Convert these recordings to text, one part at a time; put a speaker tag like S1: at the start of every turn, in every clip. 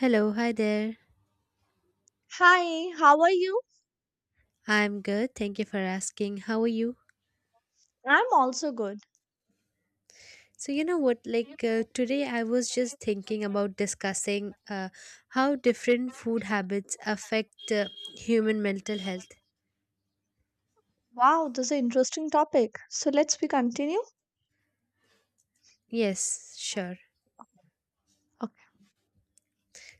S1: Hello, hi there.
S2: Hi, how are you?
S1: I'm good. Thank you for asking. How are you?
S2: I'm also good.
S1: So, you know what? Today, I was just thinking about discussing how different food habits affect human mental health.
S2: Wow, this is an interesting topic. So let's we continue.
S1: Yes, sure.
S2: Okay.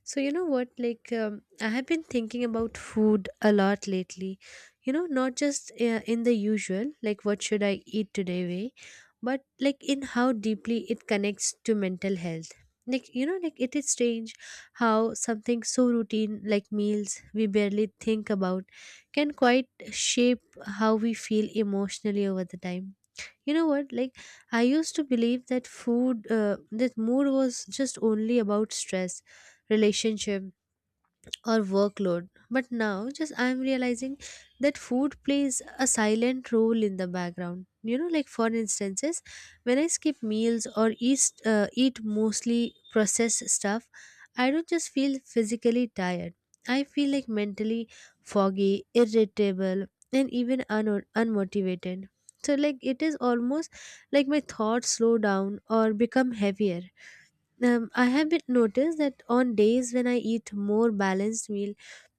S1: So, you know what? I have been thinking about food a lot lately. You know, not just in the usual, like, what should I eat today way, but like in how deeply it connects to mental health. Like, you know, like it is strange how something so routine like meals we barely think about can quite shape how we feel emotionally over the time. You know what? Like, I used to believe that that mood was just only about stress, relationship, or workload. But now, just I'm realizing that food plays a silent role in the background. You know, like for instances, when I skip meals or eat mostly processed stuff, I don't just feel physically tired. I feel like mentally foggy, irritable, and even unmotivated. So, like, it is almost like my thoughts slow down or become heavier. I have been noticed that on days when I eat more balanced meal,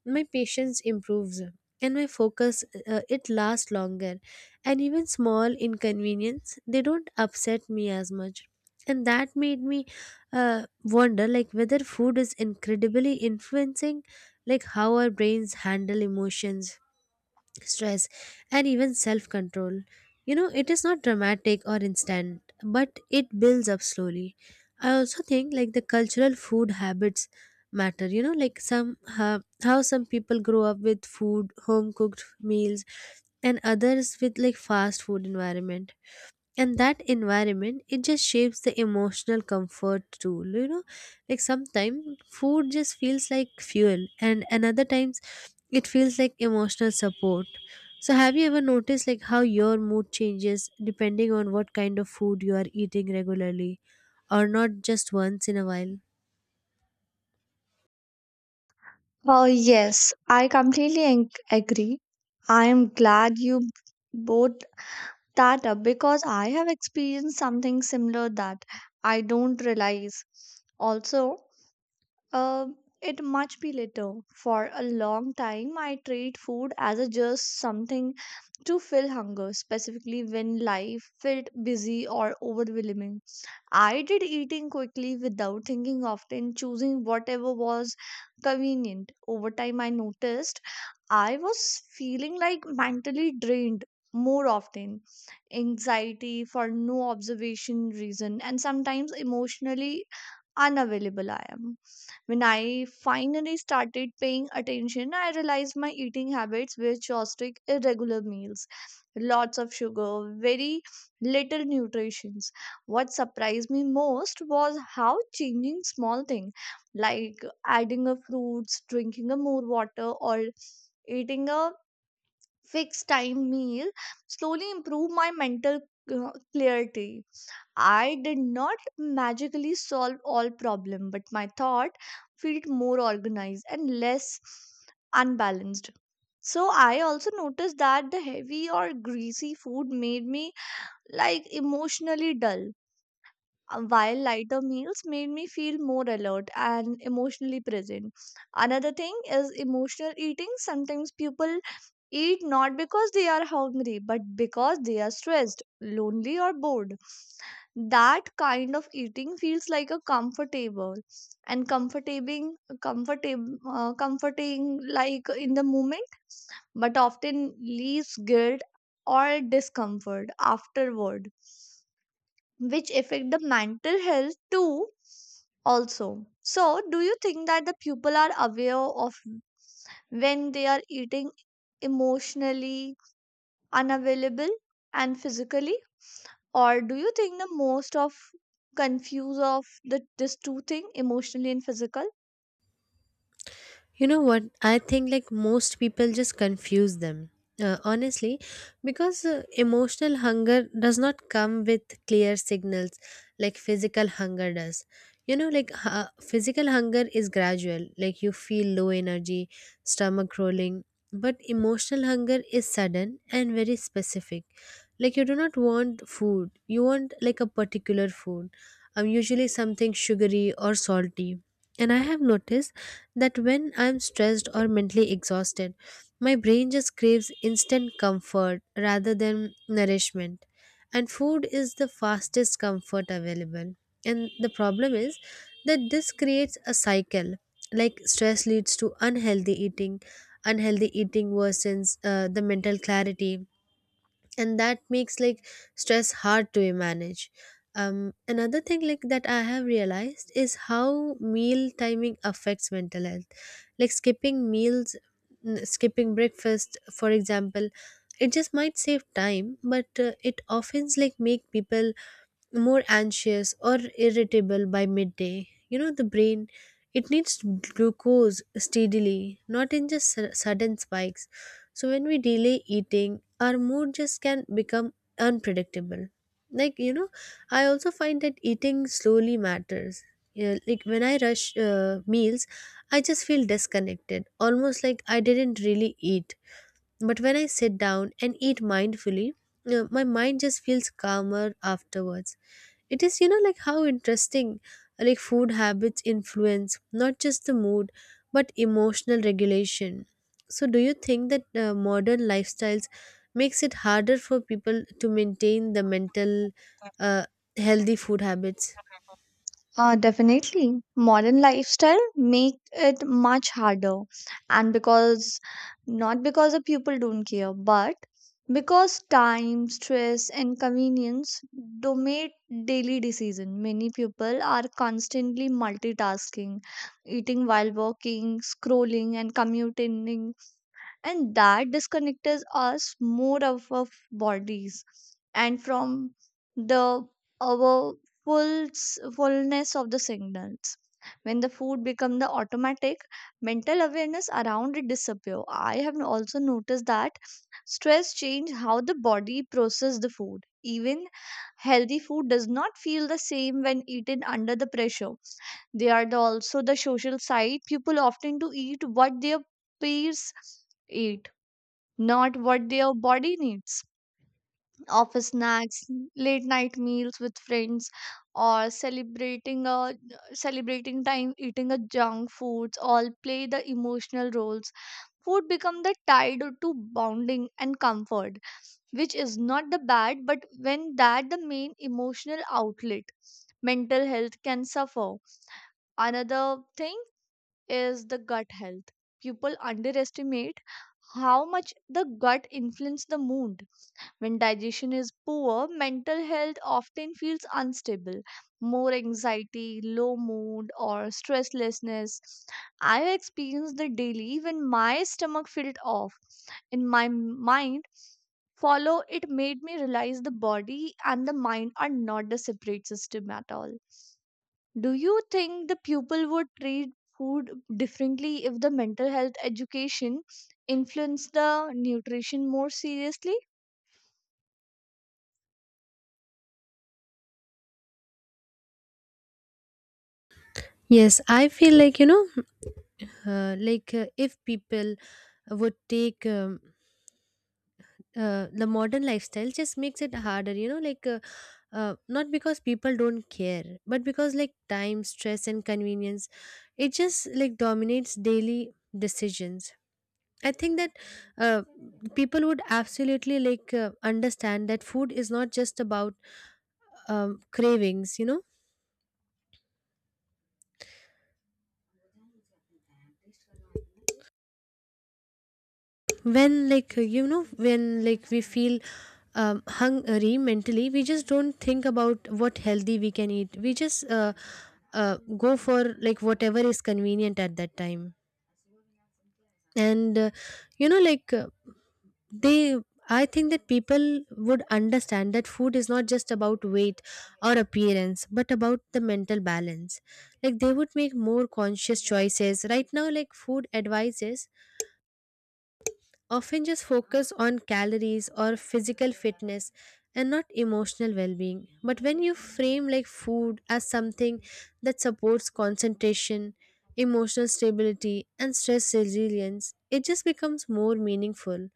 S1: my patience improves and my focus, it lasts longer. And even small inconvenience they don't upset me as much. And that made me wonder like whether food is incredibly influencing like how our brains handle emotions stress, and even self control. You know, it is not dramatic or instant, but it builds up slowly. I also think like the cultural food habits matter. You know, like some how some people grow up with food, home cooked meals, and others with like fast food environment, and that environment it just shapes the emotional comfort too. You know, like sometimes food just feels like fuel and another times it feels like emotional support. So have you ever noticed like how your mood changes depending on what kind of food you are eating regularly, or not just once in a while?
S2: Well, yes, I completely agree. I am glad you both that up because I have experienced something similar that I don't realize. Also, Uh, it much be later. For a long time, I treat food as a just something to fill hunger, specifically when life felt busy or overwhelming. I did eating quickly without thinking often, choosing whatever was convenient. Over time, I noticed I was feeling like mentally drained more often, anxiety for no observation reason, and sometimes emotionally unavailable I am. When I finally started paying attention, I realized my eating habits were chaotic, irregular meals, lots of sugar, very little nutrition. What surprised me most was how changing small things like adding a fruits, drinking a more water, or eating a fixed time meal slowly improved my mental clarity. I did not magically solve all problem, but my thought felt more organized and less unbalanced. So I also noticed that the heavy or greasy food made me like emotionally dull, while lighter meals made me feel more alert and emotionally present. Another thing is emotional eating. Sometimes people eat not because they are hungry, but because they are stressed, lonely, or bored. That kind of eating feels like a comfortable and comforting comfortable comforting like in the moment, but often leaves guilt or discomfort afterward, which affect the mental health too. Also, so do you think that the people are aware of when they are eating emotionally unavailable and physically, or do you think the most of confuse of the this two thing, emotionally and physical?
S1: You know what? I think like most people just confuse them. Honestly, because emotional hunger does not come with clear signals like physical hunger does. You know, like physical hunger is gradual, like you feel low energy, stomach rolling, but emotional hunger is sudden and very specific. Like you do not want food, you want like a particular food, usually something sugary or salty. And I have noticed that when I'm stressed or mentally exhausted, my brain just craves instant comfort rather than nourishment. And food is the fastest comfort available. And the problem is that this creates a cycle. Like stress leads to unhealthy eating worsens the mental clarity, and that makes like stress hard to manage. Another thing like that I have realized is how meal timing affects mental health, like skipping meals, skipping breakfast for example, it just might save time, but it often like make people more anxious or irritable by midday. You know, the brain, it needs glucose steadily, not in just sudden spikes. So, when we delay eating, our mood just can become unpredictable. Like, you know, I also find that eating slowly matters. Yeah, like when I rush meals, I just feel disconnected, almost like I didn't really eat. But when I sit down and eat mindfully, my mind just feels calmer afterwards. It is, you know, like how interesting like food habits influence not just the mood but emotional regulation. So do you think that modern lifestyles makes it harder for people to maintain the mental uh, healthy food habits?
S2: Definitely, modern lifestyle make it much harder, and because not because the people don't care, but because time, stress and convenience dominate daily decision. Many people are constantly multitasking, eating while working, scrolling and commuting, and that disconnects us more of our bodies and from the our fullness of the signals. When the food become the automatic, mental awareness around it disappear. I have also noticed that stress change how the body process the food. Even healthy food does not feel the same when eaten under the pressure. They are also the social side. People often to eat what their peers eat, not what their body needs. Office snacks, late night meals with friends, or celebrating time eating a junk foods all play the emotional roles. Food become the tied to bonding and comfort, which is not the bad, but when that the main emotional outlet, mental health can suffer. Another thing is the gut health. People underestimate how much the gut influences the mood. When digestion is poor, mental health often feels unstable. More anxiety, low mood, or stresslessness. I have experienced the daily when my stomach felt off. In my mind, follow it made me realize the body and the mind are not the separate system at all. Do you think the pupil would treat food differently if the mental health education influenced the nutrition more seriously?
S1: Yes, I feel like, you know, if people would take, the modern lifestyle just makes it harder, you know, not because people don't care, but because like time stress and convenience it just like dominates daily decisions. I think that uh, people would absolutely understand that food is not just about cravings, you know, when you know when like we feel hungry mentally, we just don't think about what healthy we can eat. We just go for like whatever is convenient at that time. And you know like they I think that people would understand that food is not just about weight or appearance but about the mental balance. Like they would make more conscious choices. Right now like food advices often just focus on calories or physical fitness and not emotional well-being, but when you frame like food as something that supports concentration, emotional stability and stress resilience, it just becomes more meaningful.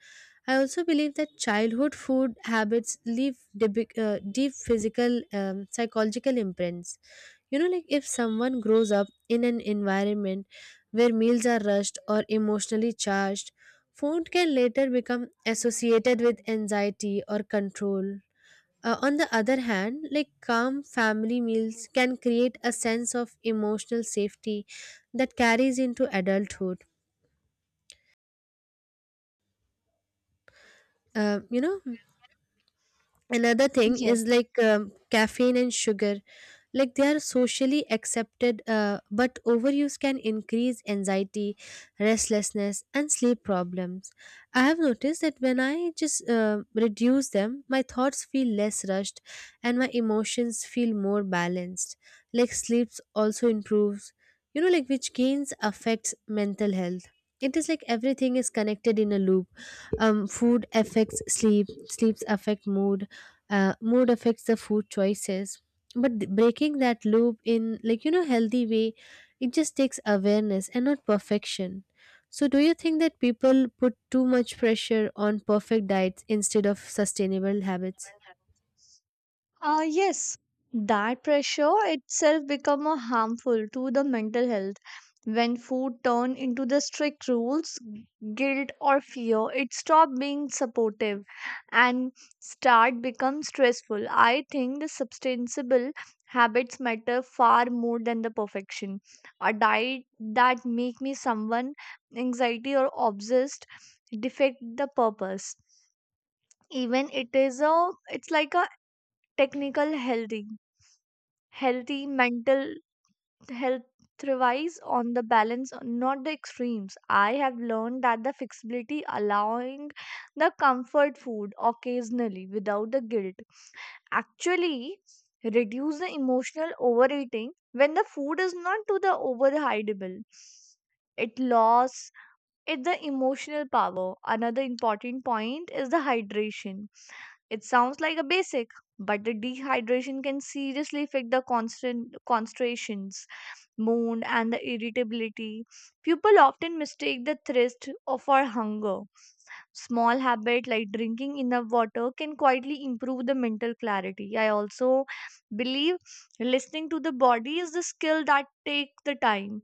S1: I also believe that childhood food habits leave deep physical psychological imprints. You know, like if someone grows up in an environment where meals are rushed or emotionally charged, food can later become associated with anxiety or control. On the other hand, like calm family meals can create a sense of emotional safety that carries into adulthood. You know, another thing
S2: Yes,
S1: is like caffeine and sugar, like they are socially accepted, but overuse can increase anxiety, restlessness and sleep problems. I have noticed that when I just reduce them, my thoughts feel less rushed and my emotions feel more balanced. Like sleep also improves, you know, like which gains affects mental health. It is like everything is connected in a loop. Food affects sleep, sleeps affect mood, mood affects the food choices. But breaking that loop in like you know healthy way, it just takes awareness and not perfection. So do you think that people put too much pressure on perfect diets instead of sustainable habits?
S2: Yes, that pressure itself become a harmful to the mental health. When food turn into the strict rules, guilt or fear, it stop being supportive and start become stressful. I think the sustainable habits matter far more than the perfection. A diet that make me someone anxiety or obsessed defect the purpose, even it's like a technical healthy. Healthy mental health thrives on the balance, not the extremes. I have learned that the flexibility, allowing the comfort food occasionally without the guilt, actually reduce the emotional overeating when the food is not to the overhideable. It loss it the emotional power. Another important point is the hydration. It sounds like a basic, but the dehydration can seriously affect the constant concentrations, mood, and the irritability. People often mistake the thirst for hunger. Small habit like drinking enough water can quietly improve the mental clarity. I also believe listening to the body is the skill that take the time.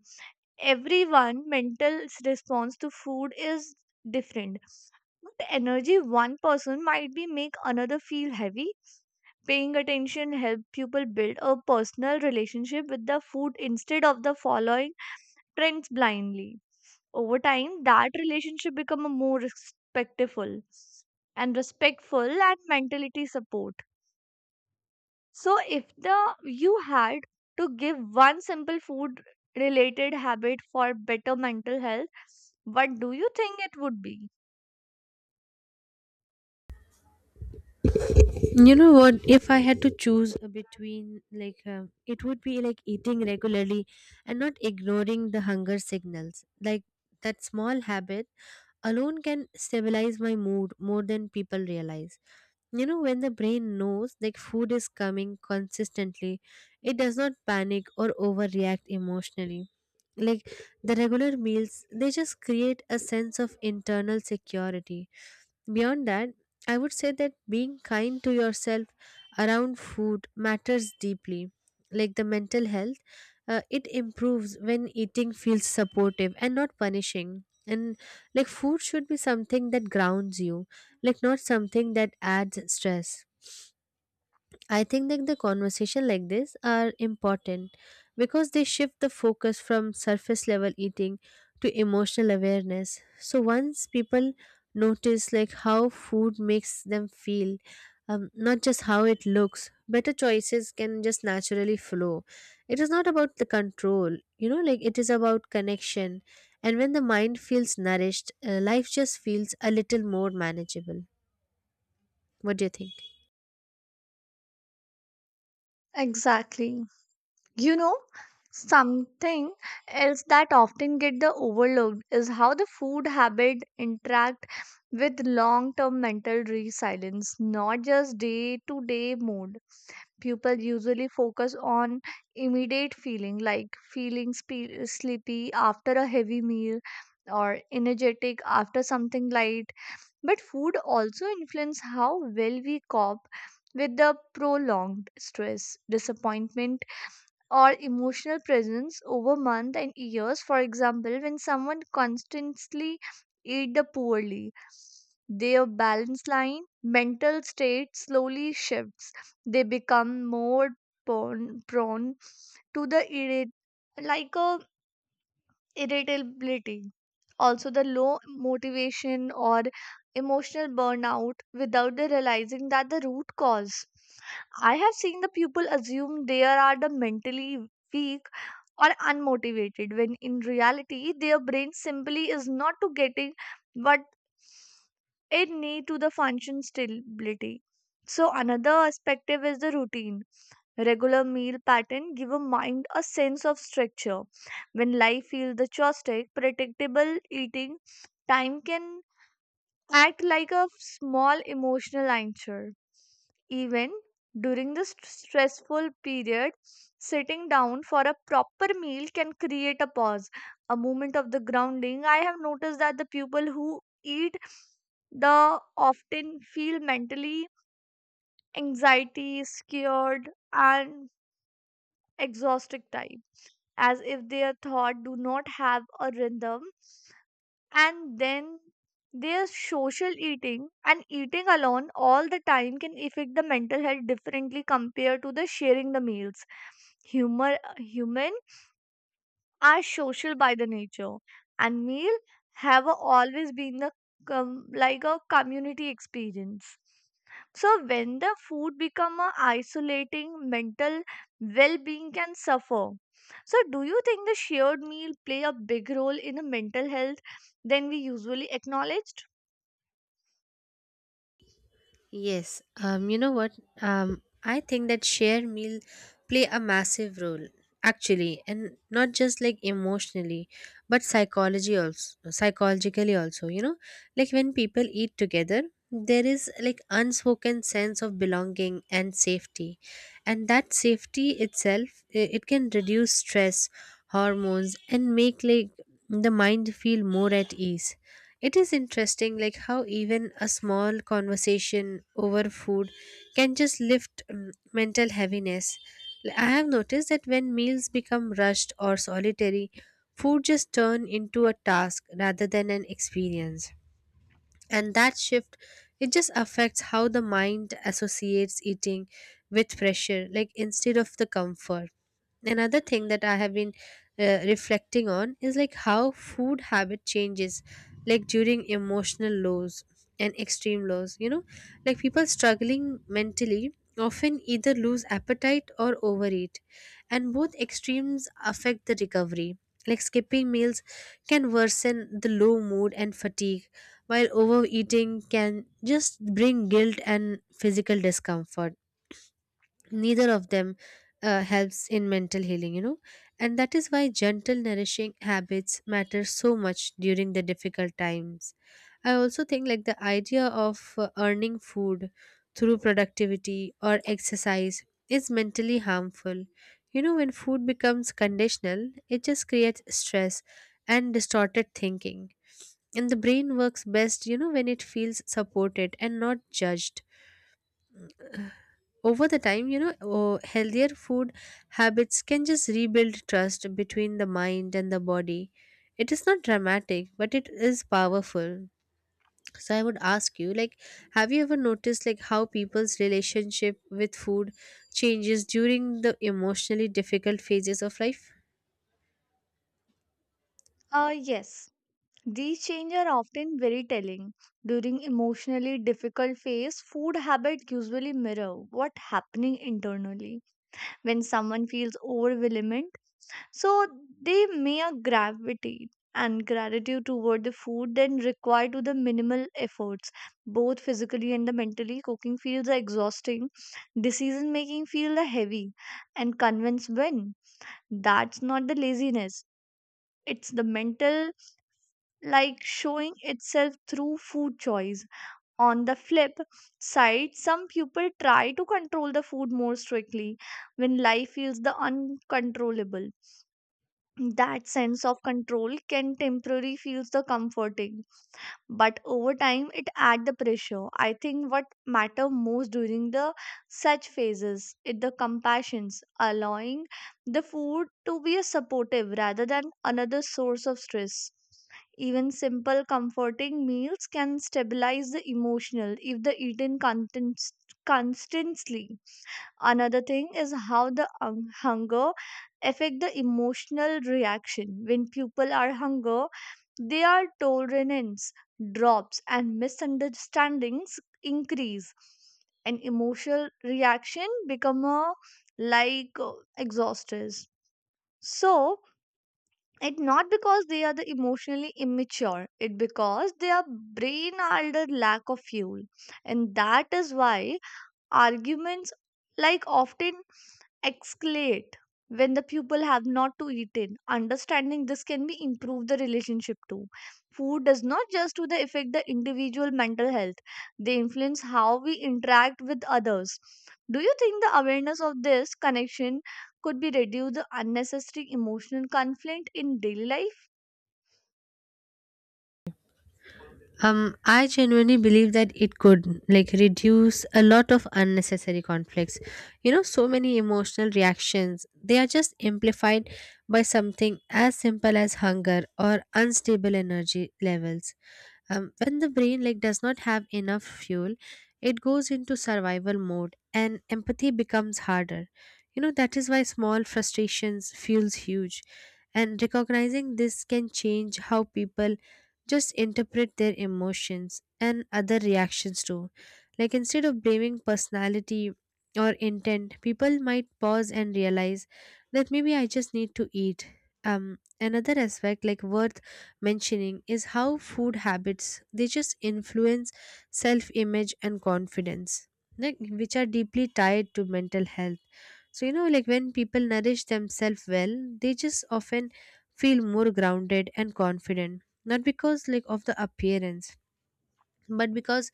S2: Everyone mental response to food is different. But energy one person might be make another feel heavy. Paying attention helps people build a personal relationship with the food instead of the following trends blindly. Over time, that relationship become a more respectful and mentality support. So if the you had to give one simple food related habit for better mental health, what do you think it would be?
S1: You know what? If I had to choose between, it would be like eating regularly and not ignoring the hunger signals. Like, that small habit alone can stabilize my mood more than people realize. You know, when the brain knows like food is coming consistently, it does not panic or overreact emotionally. Like, the regular meals, they just create a sense of internal security. Beyond that, I would say that being kind to yourself around food matters deeply. Like the mental health, it improves when eating feels supportive and not punishing. And like food should be something that grounds you, like not something that adds stress. I think that the conversation like this are important because they shift the focus from surface level eating to emotional awareness. So once people notice like how food makes them feel, not just how it looks, better choices can just naturally flow. It is not about the control, you know, like it is about connection. And when the mind feels nourished, life just feels a little more manageable. What do you think?
S2: Exactly. You know, something else that often get the overlooked is how the food habit interact with long-term mental resilience, not just day-to-day mood. People usually focus on immediate feeling, like feeling sleepy after a heavy meal or energetic after something light, but food also influence how well we cope with the prolonged stress, disappointment or emotional presence over months and years. For example, when someone constantly eat the poorly, their balance line, mental state slowly shifts. They become more prone to the irrit- like a irritability, also the low motivation or emotional burnout without they realizing that the root cause. I have seen the people assume they are the mentally weak or unmotivated when in reality their brain simply is not to getting what it need to the function stability. So another perspective is the routine. Regular meal pattern give a mind a sense of structure. When life feels the chaotic, predictable eating time can act like a small emotional anchor. Even during this stressful period, sitting down for a proper meal can create a pause, a moment of the grounding. I have noticed that the people who eat the often feel mentally anxiety scared and exhausted time, as if their thought do not have a rhythm. And then, their social eating and eating alone all the time can affect the mental health differently compared to the sharing the meals. Humor Human are social by the nature, and meal have always been the com- like a community experience. So when the food become a isolating, mental well-being can suffer. So do you think the shared meal play a big role in the mental health than we usually acknowledged?
S1: Yes, you know what? I think that share meal play a massive role actually, and not just like emotionally, but psychology also, psychologically also. You know, like when people eat together, there is like unspoken sense of belonging and safety, and that safety itself it can reduce stress, hormones, and make like the mind feel more at ease. It is interesting, like how even a small conversation over food can just lift mental heaviness. I have noticed that when meals become rushed or solitary, food just turn into a task rather than an experience, and that shift, it just affects how the mind associates eating with pressure, like instead of the comfort. Another thing that I have been reflecting on is like how food habit changes like during emotional lows and extreme lows. You know, like people struggling mentally often either lose appetite or overeat, and both extremes affect the recovery. Like skipping meals can worsen the low mood and fatigue, while overeating can just bring guilt and physical discomfort. Neither of them helps in mental healing, you know, and that is why gentle, nourishing habits matter so much during the difficult times. I also think like the idea of earning food through productivity or exercise is mentally harmful. You know, when food becomes conditional, it just creates stress and distorted thinking, and the brain works best, you know, when it feels supported and not judged. Over the time, you know, oh, healthier food habits can just rebuild trust between the mind and the body. It is not dramatic, but it is powerful. So I would ask you like, have you ever noticed like how people's relationship with food changes during the emotionally difficult phases of life?
S2: Yes, these changes are often very telling. During emotionally difficult phase, food habit usually mirror what happening internally, when someone feels overwhelmed. So they may gravitate and gratitude toward the food then required to the minimal efforts, both physically and the mentally. Cooking feels exhausting, decision making feels heavy, and convince when. That's not the laziness. It's the mental like showing itself through food choice. On the flip side, some people try to control the food more strictly when life feels the uncontrollable. That sense of control can temporarily feel the comforting, but over time it add the pressure. I think what matter most during the such phases is the compassions, allowing the food to be a supportive rather than another source of stress. Even simple comforting meals can stabilize the emotional if the eaten contents constantly. Another thing is how the hunger affect the emotional reaction. When people are hunger, their tolerance drops and misunderstandings increase, and emotional reaction become like exhausters. So it not because they are the emotionally immature, it because their brain are under lack of fuel. And that is why arguments like often escalate when the pupil have not to eaten. Understanding this can be improve the relationship too. Food does not just to the affect the individual mental health; they influence how we interact with others. Do you think the awareness of this connection could be reduce the unnecessary emotional conflict in daily life?
S1: I genuinely believe that it could like reduce a lot of unnecessary conflicts. You know, so many emotional reactions, they are just amplified by something as simple as hunger or unstable energy levels. When the brain like does not have enough fuel, it goes into survival mode and empathy becomes harder. You know that is why small frustrations feels huge, and recognizing this can change how people just interpret their emotions and other reactions too. Like instead of blaming personality or intent, people might pause and realize that maybe I just need to eat. Another aspect like worth mentioning is how food habits they just influence self-image and confidence like, which are deeply tied to mental health, so you know, like when people nourish themselves well, they just often feel more grounded and confident, not because like of the appearance, but because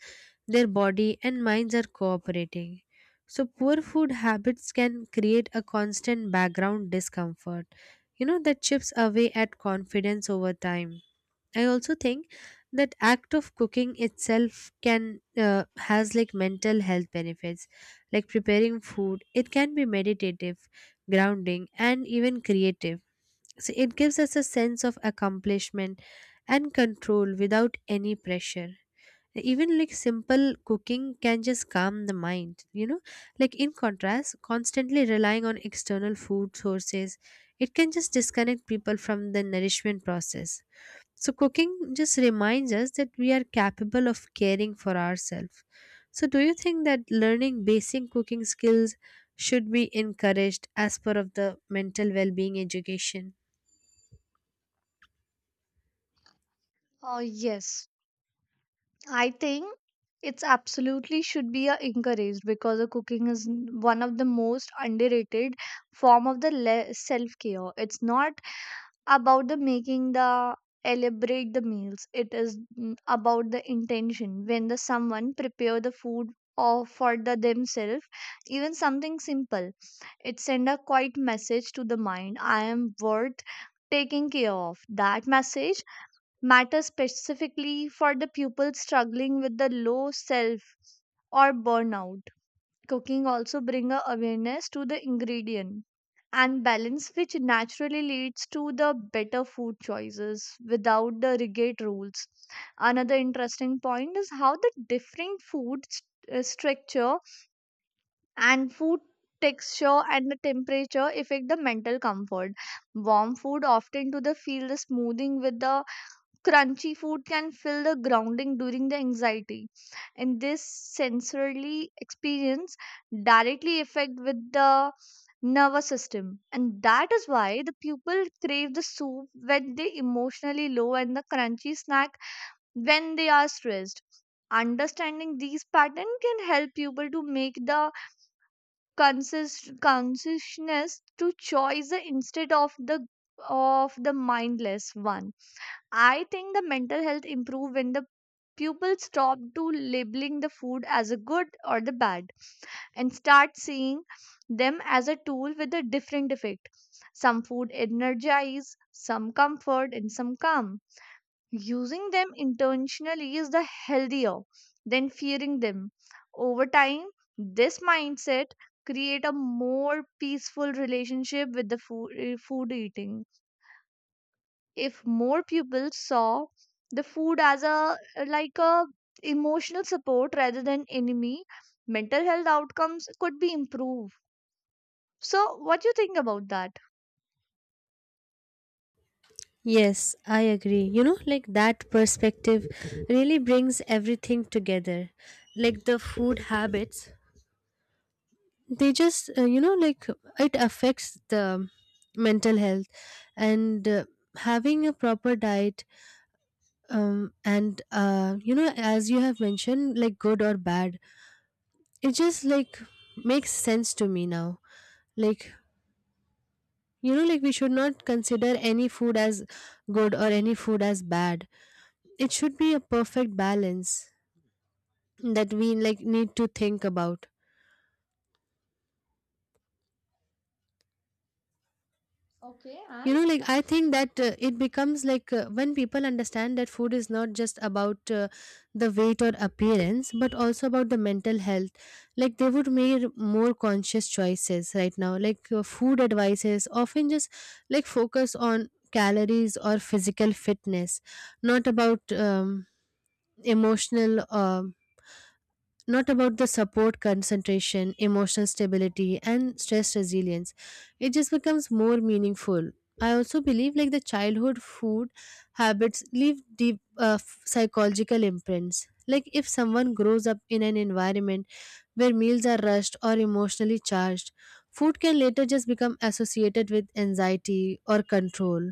S1: their body and minds are cooperating. So poor food habits can create a constant background discomfort, you know, that chips away at confidence over time. I also think that act of cooking itself can has like mental health benefits. Like preparing food, it can be meditative, grounding, and even creative, so it gives us a sense of accomplishment and control without any pressure. Even like simple cooking can just calm the mind, you know, like in contrast, constantly relying on external food sources, it can just disconnect people from the nourishment process. So, cooking just reminds us that we are capable of caring for ourselves. So, do you think that learning basic cooking skills should be encouraged as part of the mental well being education?
S2: Uh, yes, I think it's absolutely should be encouraged, because the cooking is one of the most underrated form of the self care. It's not about the making the elaborate the meals. It is about the intention when the someone prepare the food or for the themselves, even something simple. It send a quiet message to the mind: I am worth taking care of. That message matter specifically for the pupils struggling with the low self or burnout. Cooking also bring a awareness to the ingredient and balance, which naturally leads to the better food choices without the rigid rules. Another interesting point is how the different food structure and food texture and the temperature affect the mental comfort. Warm food often to the feel the smoothing with the crunchy food can fill the grounding during the anxiety, and this sensorily experience directly affect with the nervous system, and that is why the people crave the soup when they emotionally low and the crunchy snack when they are stressed. Understanding these patterns can help people to make the consist consciousness to choice the instead of the mindless one. I think the mental health improve when the people stop to labeling the food as a good or the bad and start seeing them as a tool with a different effect. Some food energize, some comfort, and some calm. Using them intentionally is the healthier than fearing them. Over time, this mindset create a more peaceful relationship with food eating. If more people saw the food as a emotional support rather than enemy, mental health outcomes could be improved. So what do you think about that?
S1: Yes, I agree. You know, like that perspective really brings everything together. Like the food habits, they just, like it affects the mental health, and having a proper diet, and you know, as you have mentioned, like good or bad, it just like makes sense to me now. Like, you know, like we should not consider any food as good or any food as bad. It should be a perfect balance that we like need to think about.
S2: Okay, and,
S1: You know, like I think that it becomes like, when people understand that food is not just about, the weight or appearance, but also about the mental health, like they would make more conscious choices right now. Like food advices often just like focus on calories or physical fitness, not about emotional. Not about the support, concentration, emotional stability, and stress resilience. It just becomes more meaningful. I also believe like the childhood food habits leave deep psychological imprints. Like if someone grows up in an environment where meals are rushed or emotionally charged, food can later just become associated with anxiety or control.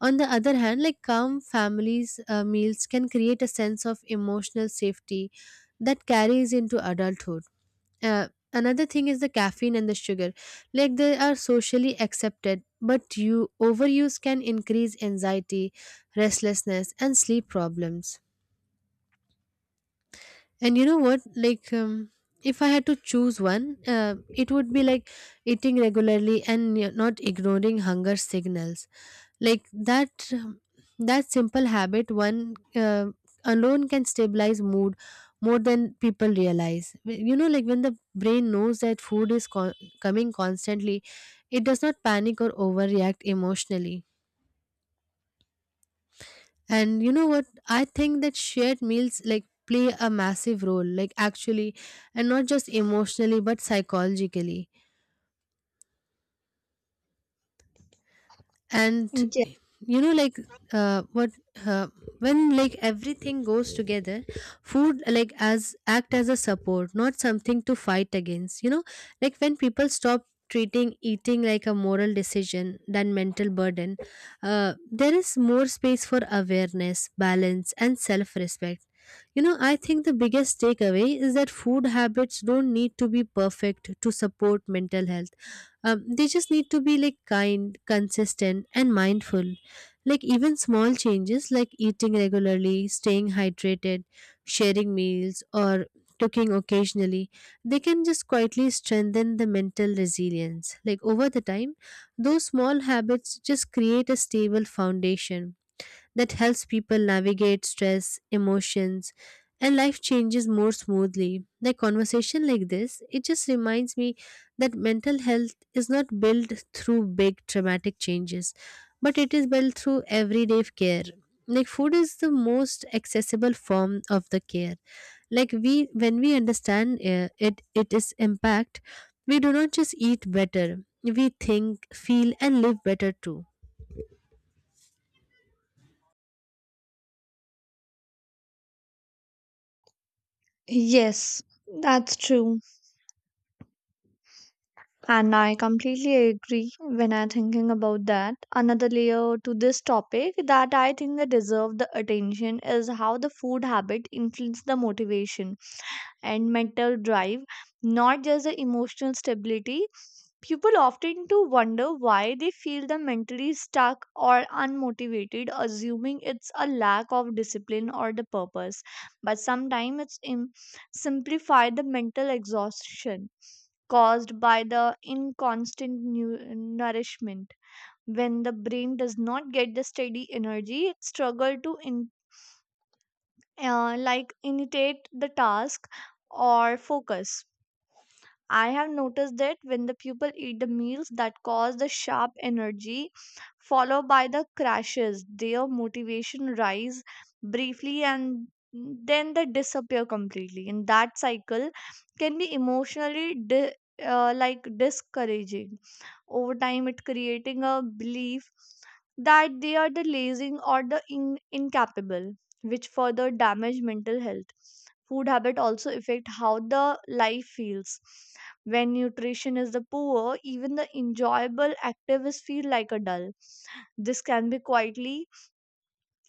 S1: On the other hand, like calm families' meals can create a sense of emotional safety that carries into adulthood. Uh, Another thing is the caffeine and the sugar. Like they are socially accepted, but you overuse can increase anxiety, restlessness, and sleep problems. And you know what? Like if I had to choose one, it would be like eating regularly and not ignoring hunger signals. Like that that simple habit one alone can stabilize mood more than people realize. You know, like when the brain knows that food is coming constantly, it does not panic or overreact emotionally. And you know what? I think that shared meals like play a massive role, like actually, and not just emotionally but psychologically. And
S2: mm,
S1: you know like, what, uh, when like everything goes together, food like as act as a support, not something to fight against, you know. Like when people stop treating eating like a moral decision than mental burden, there is more space for awareness balance and self respect. You know, I think the biggest takeaway is that food habits don't need to be perfect to support mental health. They just need to be like kind, consistent, and mindful. Like even small changes like eating regularly, staying hydrated, sharing meals, or cooking occasionally, they can just quietly strengthen the mental resilience. Like over the time, those small habits just create a stable foundation that helps people navigate stress, emotions, and life changes more smoothly. The conversation like this, it just reminds me that mental health is not built through big traumatic changes, but it is built through everyday care. Like food is the most accessible form of the care. Like we, when we understand it, it is impact. We do not just eat better; we think, feel, and live better too.
S2: yes, that's true. And I completely agree when I'm thinking about that. Another layer to this topic that I think that deserve the attention is how the food habit influence the motivation and mental drive, not just the emotional stability. People often to wonder why they feel the mentally stuck or unmotivated, assuming it's a lack of discipline or the purpose. But sometimes it's simplify the mental exhaustion caused by the inconstant nourishment. When the brain does not get the steady energy, it struggle to like initiate the task or focus. I have noticed that when the people eat the meals that cause the sharp energy followed by the crashes, their motivation rise briefly and then they disappear completely. And that cycle can be emotionally like discouraging. Over time, it creating a belief that they are the lazy or the incapable, which further damage mental health. Food habit also affect how the life feels when nutrition is the poor, even the enjoyable activities feel like a dull. This can be quietly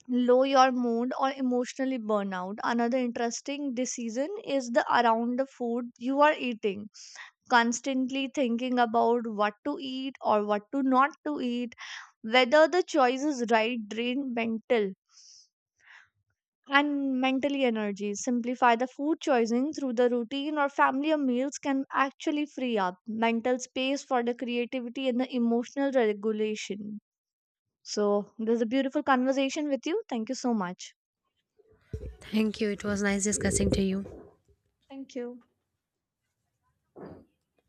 S2: low your mood or emotionally burnout. Another interesting decision is the around the food you are eating. Constantly thinking about what to eat or what to not to eat, whether the choice is right drain mental and mentally energy. Simplify the food choosing through the routine or family or meals can actually free up mental space for the creativity and the emotional regulation. So, this is a beautiful conversation with you. Thank you so much.
S1: Thank you. It was nice discussing to you.
S2: Thank you.